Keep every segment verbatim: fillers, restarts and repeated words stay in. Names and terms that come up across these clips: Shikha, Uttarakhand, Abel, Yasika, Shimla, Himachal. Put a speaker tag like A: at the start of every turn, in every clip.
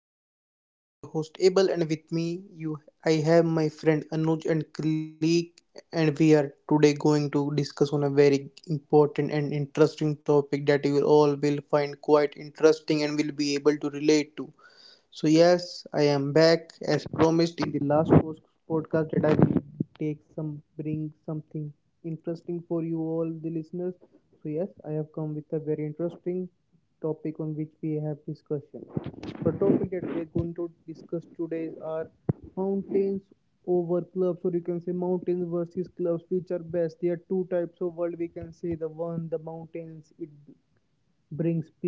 A: welcome back to our podcast. This is your host Abel, and with me you I have my friend Anuj and colleague, and we are today going to discuss on a very important and interesting topic that you all will find quite interesting and will be able to relate to. So yes, I am back as promised in the last post- podcast, that I will take some bring something interesting for you all the listeners. So yes, I have come with a very interesting topic on which we have discussion. The topic that we are going to discuss today are mountains over clubs, or you can say mountains versus clubs, which are best. There are two types of world, we can say: the one, the mountains, it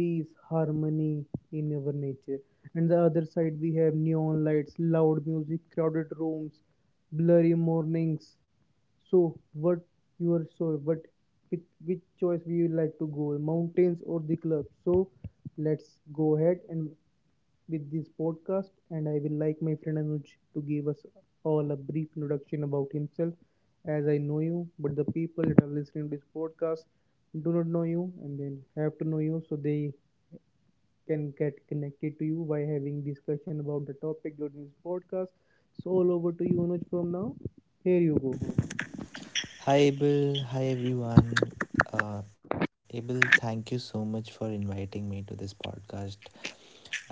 A: brings peace, harmony in our nature. And the other side, we have neon lights, loud music, crowded rooms, blurry mornings. So, what you are so what with which choice we would like to go, mountains or the club? So, let's go ahead and with this podcast, and I will like my friend Anuj to give us all a brief introduction about himself. As I know you, but the people that are listening to this podcast do not know you and then have to know you, so they can get connected to you by having discussion about the topic during this podcast. So all over to you Anuj from now. Here you go.
B: Hi Abel, hi everyone. Uh, Abel, thank you so much for inviting me to this podcast.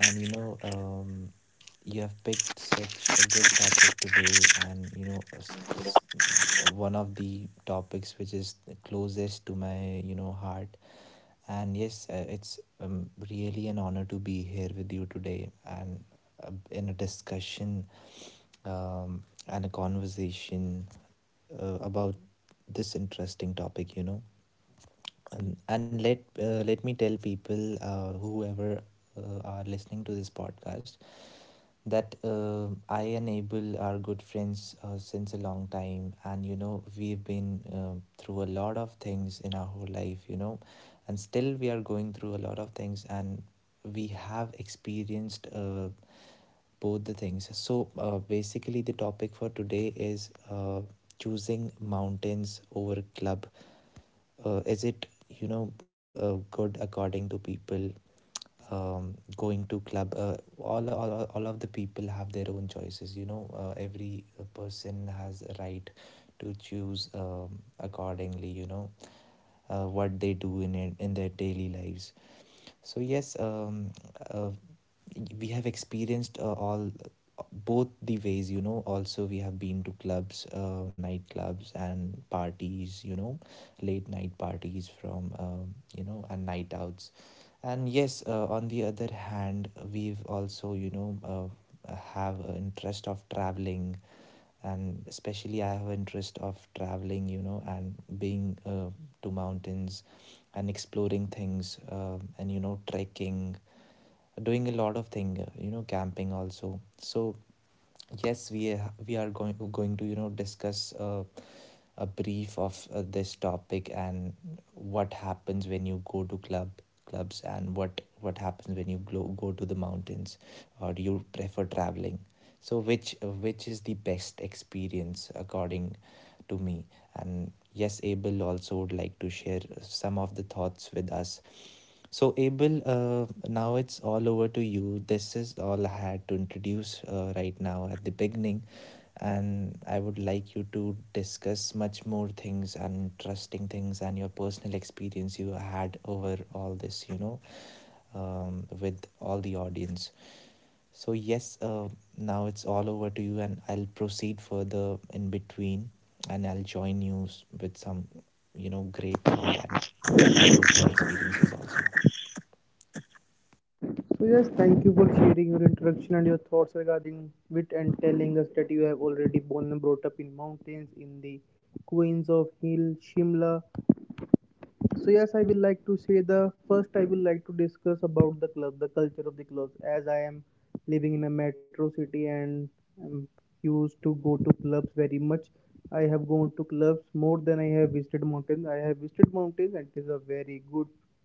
B: And you know, um, you have picked such a good topic today, and you know, s- s- one of the topics which is closest to my you know heart. And yes, uh, it's um, really an honor to be here with you today, and uh, in a discussion um, and a conversation uh, about this interesting topic. You know. And, and let uh, let me tell people uh, whoever uh, are listening to this podcast that uh, I and Abel are good friends uh, since a long time, and you know we've been um through a lot of things in our whole life, you know, and still we are going through a lot of things, and we have experienced uh, both the things. So uh, basically, the topic for today is uh, choosing mountains over club, uh, is it you know uh, good according to people um, going to club, uh, all, all all of the people have their own choices you know uh, every uh, person has a right to choose um, accordingly you know uh, what they do in it, in their daily lives. So yes, um, uh, we have experienced uh, all uh, both the ways, you know. Also we have been to clubs, uh, nightclubs and parties, you know, late night parties from, um, you know and night outs. And yes, uh, on the other hand, we've also you know uh, have an interest of traveling, and especially I have an interest of traveling, you know, and being uh, to mountains and exploring things um and you know trekking, doing a lot of thing uh, you know camping also. So yes, we are, we are going going to you know discuss uh, a brief of uh, this topic and what happens when you go to club clubs, and what what happens when you go, go to the mountains, or do you prefer traveling. So which uh, which is the best experience according to me, and yes, Abel also would like to share some of the thoughts with us. So, Abel, uh, now it's all over to you. This is all I had to introduce uh, right now at the beginning, and I would like you to discuss much more things and interesting things and your personal experience you had over all this, you know, um, with all the audience. So, yes, uh, now it's all over to you, and I'll proceed further in between, and I'll join you with some, you know, great thought and my personal experiences also.
A: So yes, thank you for sharing your introduction and your thoughts regarding wit and telling us that you have already born and brought up in mountains in the Queens of Hill, Shimla. So yes, I will like to say the first I will like to discuss about the club, the culture of the club, as I am living in a metro city and am used to go to clubs very much. I have gone to clubs more than I have visited mountains. I have visited mountains and it is a very good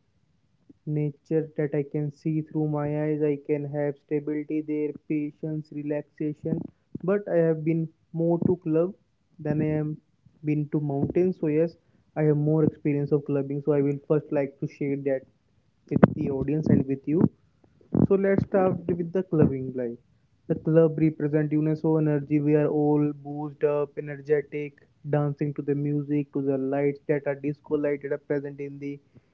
A: nature that I can see through my eyes. I can have stability there, patience, relaxation. But I have been more to club than I am been to mountains. So yes, I have more experience of clubbing. So I will first like to share that with the audience and with you. So let's start with the clubbing life. The club represent UNESCO energy. We are all boozed up, energetic, dancing to the music, to the lights that are disco lighted are present in the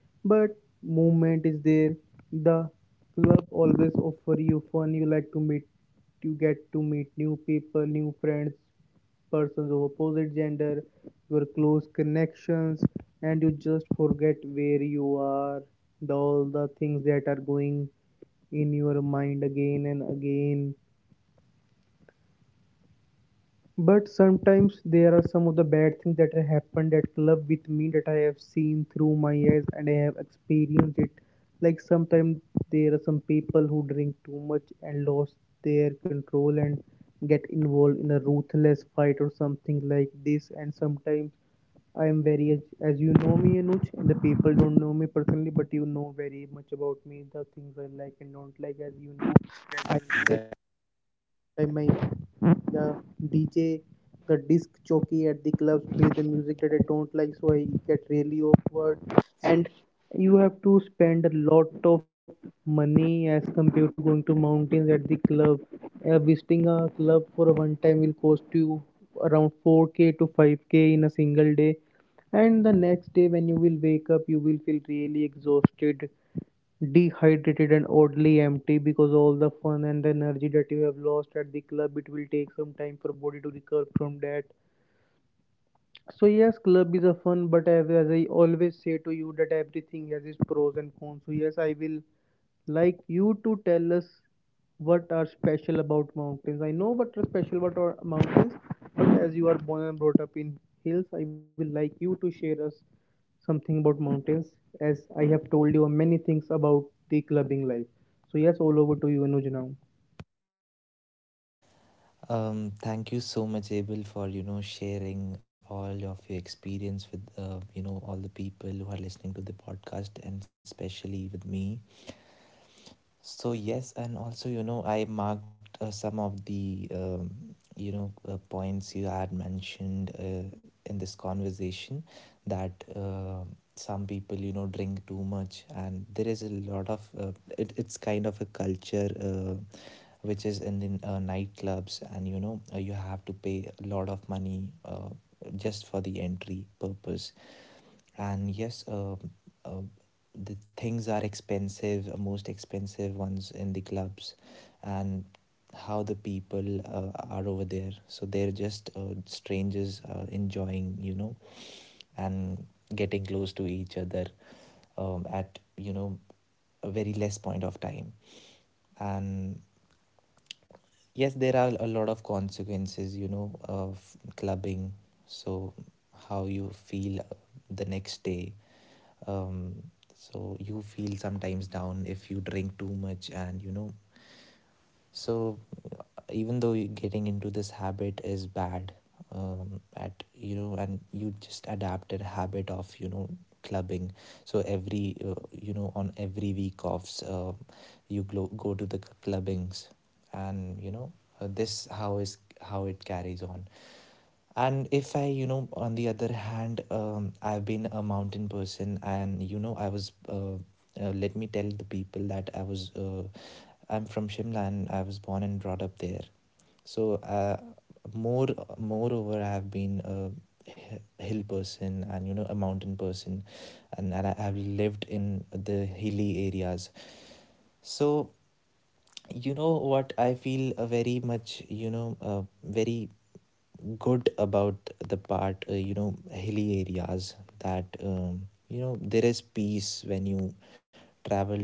A: but movement is there. The club always offer you fun. You like to meet, you get to meet new people, new friends, persons of opposite gender, your close connections, and you just forget where you are, the, all the things that are going in your mind again and again. But sometimes there are some of the bad things that have happened at club with me that I have seen through my eyes and I have experienced it. Like sometimes there are some people who drink too much and lost their control and get involved in a ruthless fight or something like this. And sometimes I am very, as you know me, Anuj, and the people don't know me personally, but you know very much about me, the things I like and don't like, as you know. I
B: Exactly.
A: am by My, The D J, the disc jockey at the clubs, play the music that I don't like, so I get really awkward. And you have to spend a lot of money as compared to going to mountains at the club. Uh, visiting a club for a one time will cost you around four k to five k in a single day. And the next day, when you will wake up, you will feel really exhausted, dehydrated and oddly empty, because all the fun and energy that you have lost at the club, it will take some time for body to recover from that. So yes, club is a fun, but as as I always say to you that everything has its pros and cons. So yes, I will like you to tell us what are special about mountains. I know what are special about our mountains, but as you are born and brought up in hills, I will like you to share us something about mountains, as I have told you many things about the clubbing life. So yes, all over to you Anuj now.
B: Um, thank you so much, Abel, for you know sharing all of your experience with uh, you know all the people who are listening to the podcast, and especially with me. So yes, and also you know I marked uh, some of the um, you know uh, points you had mentioned uh, in this conversation, that uh, some people you know drink too much, and there is a lot of uh, it, it's kind of a culture Uh, which is in the uh, nightclubs, and you know uh, you have to pay a lot of money uh, just for the entry purpose. And yes uh, uh, the things are expensive, uh, most expensive ones in the clubs, and how the people uh, are over there. So they're just uh, strangers uh, enjoying you know and getting close to each other um, at you know a very less point of time. And yes, there are a lot of consequences, you know, of clubbing. So, how you feel uh, the next day. Um, so, you feel sometimes down if you drink too much, and you know, so even though getting into this habit is bad um, at you know, and you just adapted a habit of you know clubbing, so every uh, you know on every week offs, uh, you go go to the c- clubbings, and you know uh, this how is how it carries on. And if I, you know, on the other hand, um, I've been a mountain person, and you know I was, uh, uh, let me tell the people that I was, uh, I'm from Shimla, and I was born and brought up there. So uh, more moreover, I have been a hi- hill person and you know a mountain person, and and I have lived in the hilly areas. So you know what I feel uh, very much, you know, uh, very good about the part, uh, you know hilly areas, that um, you know there is peace when you travel to some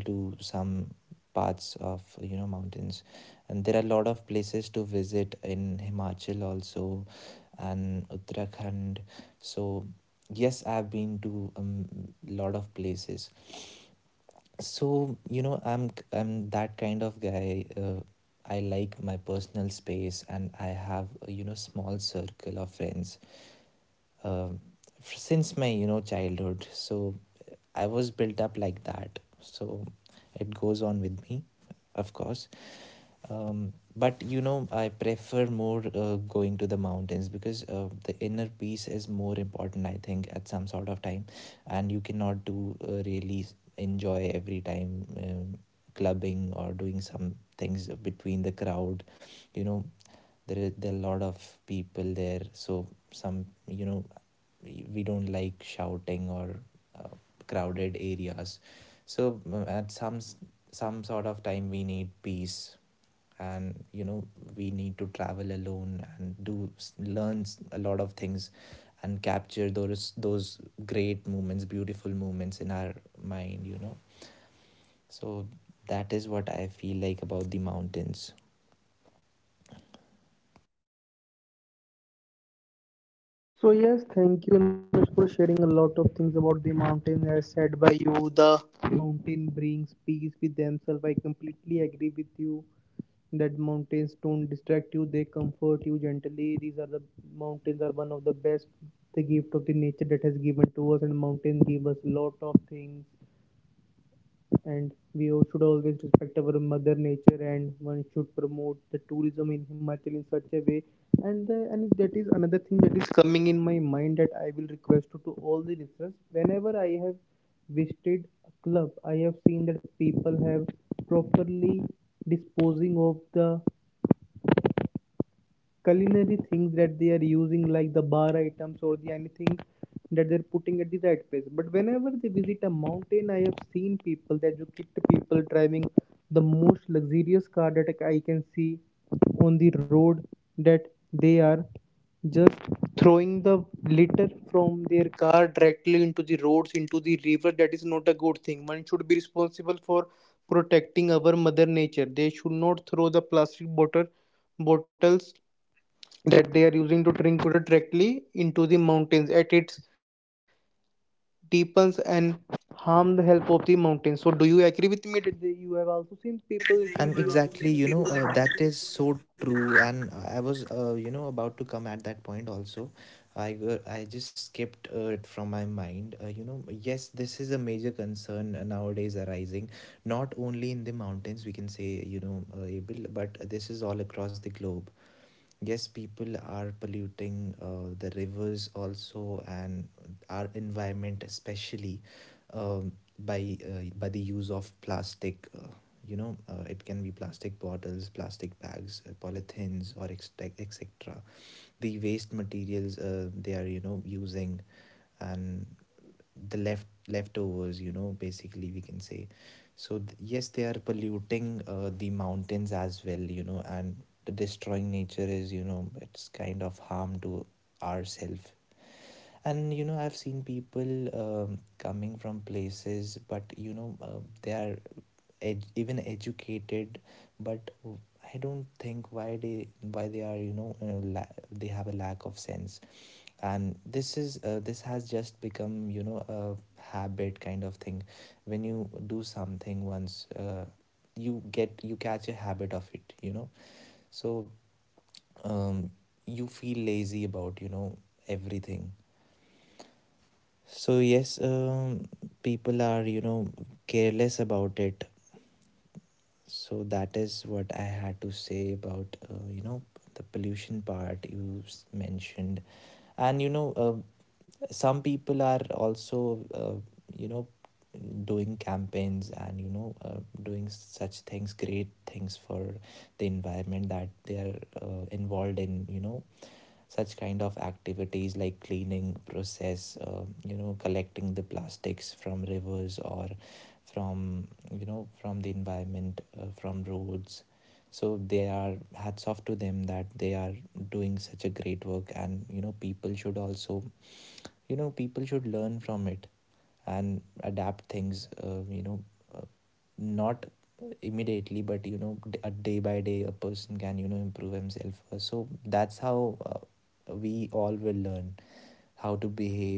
B: parts of you know mountains, and there are a lot of places to visit in Himachal also, and Uttarakhand. So yes, I've been to a um, lot of places. So you know I'm I'm that kind of guy, uh, I like my personal space, and I have a, you know, small circle of friends um, since my you know childhood, so I was built up like that. So it goes on with me, of course. Um, but you know, I prefer more uh, going to the mountains, because uh, the inner peace is more important, I think, at some sort of time. And you cannot do uh, really enjoy every time um, clubbing or doing some things between the crowd. You know, there, are- there are a lot of people there. So some, you know, we don't like shouting or uh, crowded areas. So mm, at some some sort of time we need peace, and you know we need to travel alone and do s- learn s- a lot of things, and capture those those great moments, beautiful moments in our mind, you know. So that is what I feel like about the mountains.
A: So yes, thank you Anuj for sharing a lot of things about the mountain as said by you. The mountain brings peace with themselves. I completely agree with you that mountains don't distract you, they comfort you gently. These are the mountains are one of the best, the gift of the nature that has given to us, and mountains give us a lot of things, and we all should always respect our mother nature, and one should promote the tourism in Himachal in such a way, and the, and that is another thing that is coming in my mind, that I will request to, to all the listeners: whenever I have visited a club, I have seen that people have properly disposing of the culinary things that they are using, like the bar items or the anything that they're putting at the right place. But whenever they visit a mountain, I have seen people, the educated people driving the most luxurious car that I can see on the road, that they are just throwing the litter from their car directly into the roads, into the river. That is not a good thing. One should be responsible for protecting our mother nature. They should not throw the plastic bottle bottles that they are using to drink water directly into the mountains at its deepens and harm the health of the mountains. So, do you agree with me that they- you have also seen people
B: And
A: eating
B: exactly, you know, uh,
A: these
B: that is so true, and I was, uh, you know, about to come at that point also. I go- I just skipped uh, it from my mind, uh, you know yes. This is a major concern uh, nowadays arising not only in the mountains, we can say, you know uh, able but this is all across the globe. Yes, people are polluting uh, the rivers also and our environment, especially um, by uh, by the use of plastic. Uh, you know, uh, it can be plastic bottles, plastic bags, uh, polythins, or et cetera. The waste materials uh, they are you know using, and the left leftovers, you know, basically we can say. So th- yes, they are polluting uh, the mountains as well, you know, and the destroying nature is, you know, it's kind of harm to ourself. And you know I've seen people um, coming from places, but you know uh, they are ed- even educated, but I don't think why they why they are, you know, uh, la- they have a lack of sense. And this is uh, this has just become, you know, a habit kind of thing. When you do something once, uh, you get you catch a habit of it, you know. So um, you feel lazy about you know everything. So yes, um, people are you know careless about it. So that is what I had to say about uh, you know the pollution part you s- mentioned. And you know uh, some people are also uh, you know doing campaigns and you know uh, doing such things, great things for the environment, that they are uh, involved in, you know, such kind of activities like cleaning process, uh, you know collecting the plastics from rivers, or from you know from the environment, uh, from roads. So they are, hats off to them, that they are doing such a great work. And you know people should also, you know, people should learn from it and adapt things, uh, you know, not immediately, but you know a day by day a person can you know improve himself. Uh, so that's how uh, we all will learn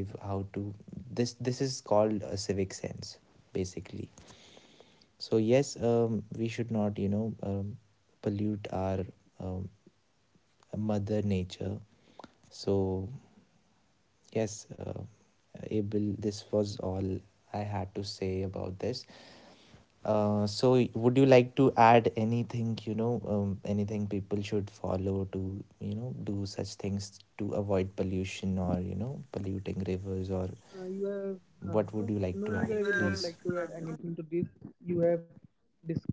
B: how to behave, how to this this is called a civic sense basically. So yes, um, we should not you know um, pollute our um, mother nature. So yes, uh, Abel, this was all I had to say about this. Uh, so, would you like to add anything, you know, um, anything people should follow to, you know, do such things to avoid pollution, or, you know, polluting
A: Uh,
B: rivers,
A: you
B: or
A: have uh, no,
B: what
A: no,
B: would
A: no,
B: you
A: I will
B: like to
A: not
B: add,
A: like to add
B: please?
A: anything to this. You have dis-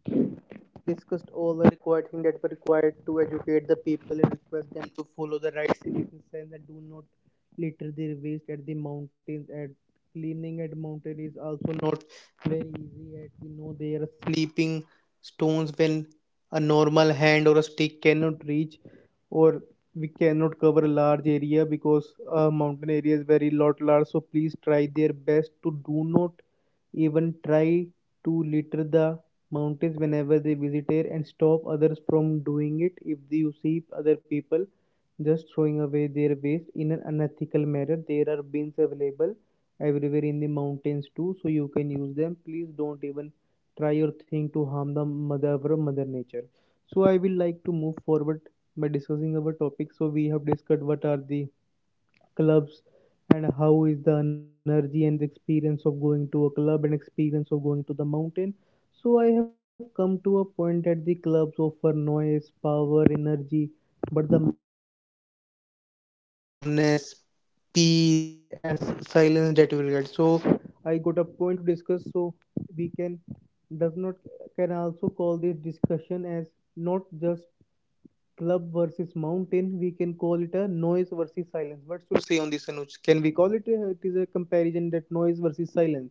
A: discussed all the required things that were required to educate the people and request them to follow the right civic sense and do not litter their waste at the mountains. At cleaning at mountain is also not very easy. At we know they are sleeping stones when a normal hand or a stick cannot reach, or we cannot cover a large area, because a mountain area is very lot large, so please try their best to do not even try to litter the mountains whenever they visit there, and stop others from doing it if you see other people just throwing away their waste in an unethical manner. There are bins available everywhere in the mountains too, so you can use them. Please don't even try or think to harm the mother or mother nature. So I will like to move forward by discussing our topic. So we have discussed what are the clubs and how is the energy and the experience of going to a club and experience of going to the mountain. So I have come to a point that the clubs offer noise, power, energy, but the mountains offer you calmness, peace, as silence that you will get. So I got a point to discuss. So we can does not can also call this discussion as not just club versus mountain. We can call it a noise versus silence. What's your say on this, Anuj? Can we call it? uh, It is a comparison that noise versus silence.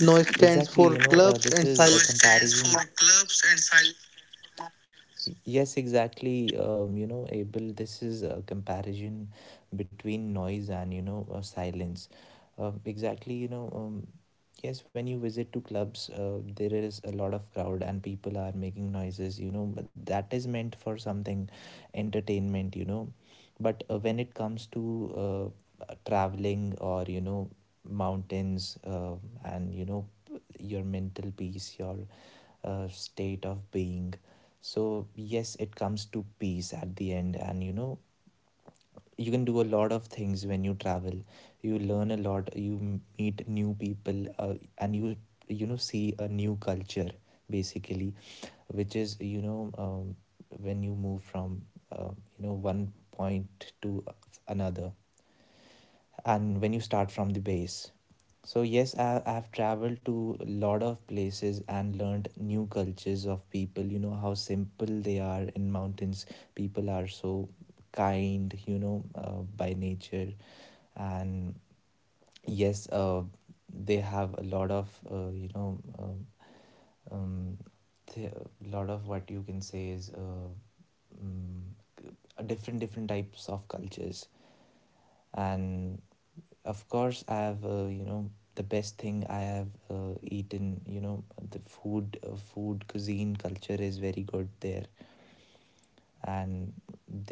A: Noise stands for clubs
B: Exactly, you
A: and
B: know, uh,
A: silence.
B: this is Law a stands comparison. For clubs and sil- Yes, exactly. Um, you know, Abel, this is a comparison between noise and, you know, uh, silence. Um, exactly, you know, um, yes, when you visit to clubs, uh, there is a lot of crowd and people are making noises, you know, but that is meant for something entertainment, you know. But uh, when it comes to uh, traveling or, you know, mountains, uh, and, you know, your mental peace, your uh, state of being. So yes, it comes to peace at the end, and you know, you can do a lot of things when you travel. You learn a lot, you meet new people, uh, and you you know, see a new culture basically, which is, you know, um, when you move from, uh, you know one point to another, and when you start from the base. So yes, I, I have traveled to a lot of places, and learned new cultures of people, you know how simple they are in mountains. People are so kind, you know, uh, by nature. And yes, uh, they have a lot of, uh, you know um, um, th- a lot of what you can say is, uh, um, c- uh, different different types of cultures. And of course I have, uh, you know, the best thing I have, uh, eaten, you know, the food uh, food cuisine culture is very good there, and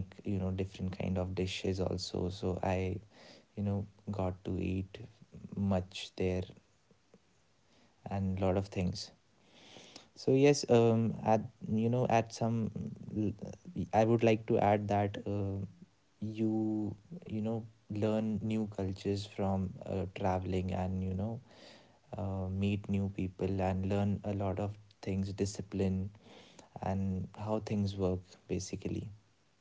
B: they make, you know, different kind of dishes also. So I, you know, got to eat much there, and lot of things. So yes, um at you know at some, I would like to add that, uh, you you know learn new cultures from uh, traveling, and you know uh, meet new people and learn a lot of things, discipline and how things work basically.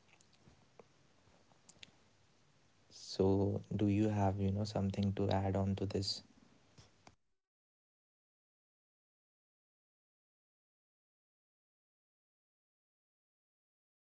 A: Yes, I completely agree with you. And uh, uh,
B: So
A: sorry
B: do
A: for
B: you have,
A: interrupting you.
B: you know,
A: And from
B: something to add
A: now,
B: on to
A: I will like
B: this?
A: to take it forward and share some of the thoughts that has come in mind regarding the topic that I shared, that mountains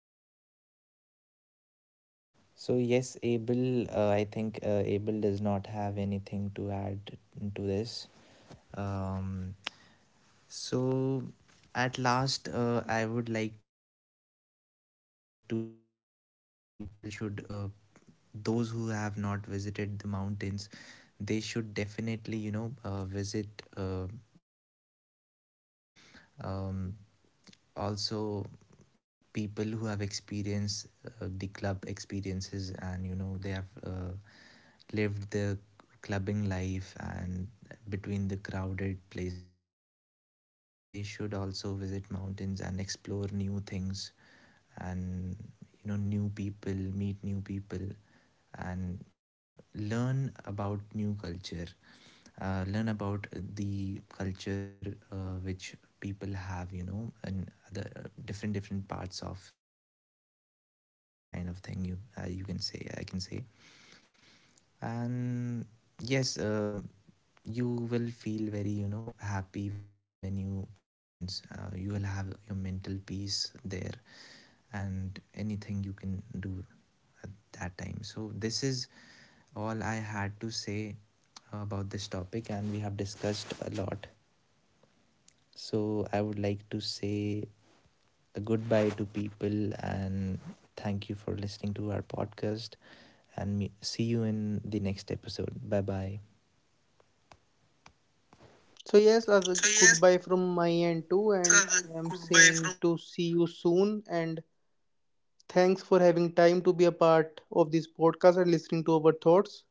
A: offer silence and clubs noise,
B: So
A: so
B: yes,
A: n- it
B: Abel,
A: is
B: uh,
A: just
B: I
A: a
B: think
A: topic
B: uh,
A: that
B: Abel
A: I
B: does
A: changed
B: not
A: to
B: have
A: noise free
B: anything to
A: silence.
B: add
A: So
B: to
A: yes, in the
B: this,
A: club, you get
B: um
A: escapes your thoughts, you get
B: so,
A: just boost or drink
B: at last,
A: or
B: uh, I
A: any other
B: would
A: thing
B: like to,
A: that you
B: you
A: can
B: know,
A: use to
B: tell that uh,
A: escape
B: people
A: your
B: should,
A: thoughts.
B: uh,
A: So it's,
B: those who
A: we can
B: have
A: also
B: not
A: say
B: visited the
A: we
B: mountains,
A: often use clubs
B: they
A: for an
B: should
A: an
B: definitely, you
A: escape,
B: know,
A: a little
B: uh,
A: escape from
B: visit
A: the, all the
B: uh,
A: problems that we are facing.
B: immediately. And, you know,
A: But when you meet in the
B: um,
A: mountains, you choose peace, are
B: also
A: given to
B: people who have
A: nature, a true
B: experienced
A: peace
B: uh, the club
A: that you can
B: experiences,
A: experience in your
B: and, you know, they
A: lifetime.
B: have uh,
A: So
B: lived the
A: yes,
B: clubbing
A: that are
B: life,
A: w- these are
B: and
A: all the points
B: between
A: that
B: the
A: we have
B: crowded
A: discussed
B: places.
A: in
B: So,
A: our
B: yes, they
A: podcast
B: should
A: till
B: also
A: now.
B: visit mountains and explore new things
A: So, but be
B: and,
A: I have
B: you
A: a
B: know, new
A: saying that
B: people,
A: has
B: meet
A: my
B: new
A: mother
B: people,
A: used to say to me,
B: and
A: that growth,
B: learn about
A: the
B: new
A: actual
B: culture,
A: growth will happen
B: uh,
A: in the
B: learn
A: quiet
B: about
A: places,
B: the
A: not in a
B: culture
A: place that are
B: uh,
A: full of
B: which
A: noises.
B: people
A: So, you
B: have, you
A: agree
B: know,
A: with this
B: and
A: statement
B: the
A: that
B: uh,
A: my mother
B: different,
A: used to
B: different
A: say to
B: parts
A: me or
B: of
A: not?
B: uh, a village kind of thing you uh, you can say, I can say. And yes, um you will
A: Anuj,
B: feel
A: uh,
B: very,
A: I
B: you
A: asked
B: know,
A: you a
B: happy when you
A: question.
B: travel to mountains. Uh, you will have your mental peace there, and anything you can do at that time.
A: Uh,
B: So
A: Anuj, do
B: this is all I had to say about this topic, and we have discussed a lot. So I would like to say a goodbye to people, and thank you for listening to our podcast, and me- see you in the next episode. Bye bye.
A: so. Yes, as
B: So yes,
A: goodbye from my end too, and
B: uh,
A: I am
B: goodbye from
A: saying to see you soon, and thanks for having time to be a part of this podcast and listening to our thoughts.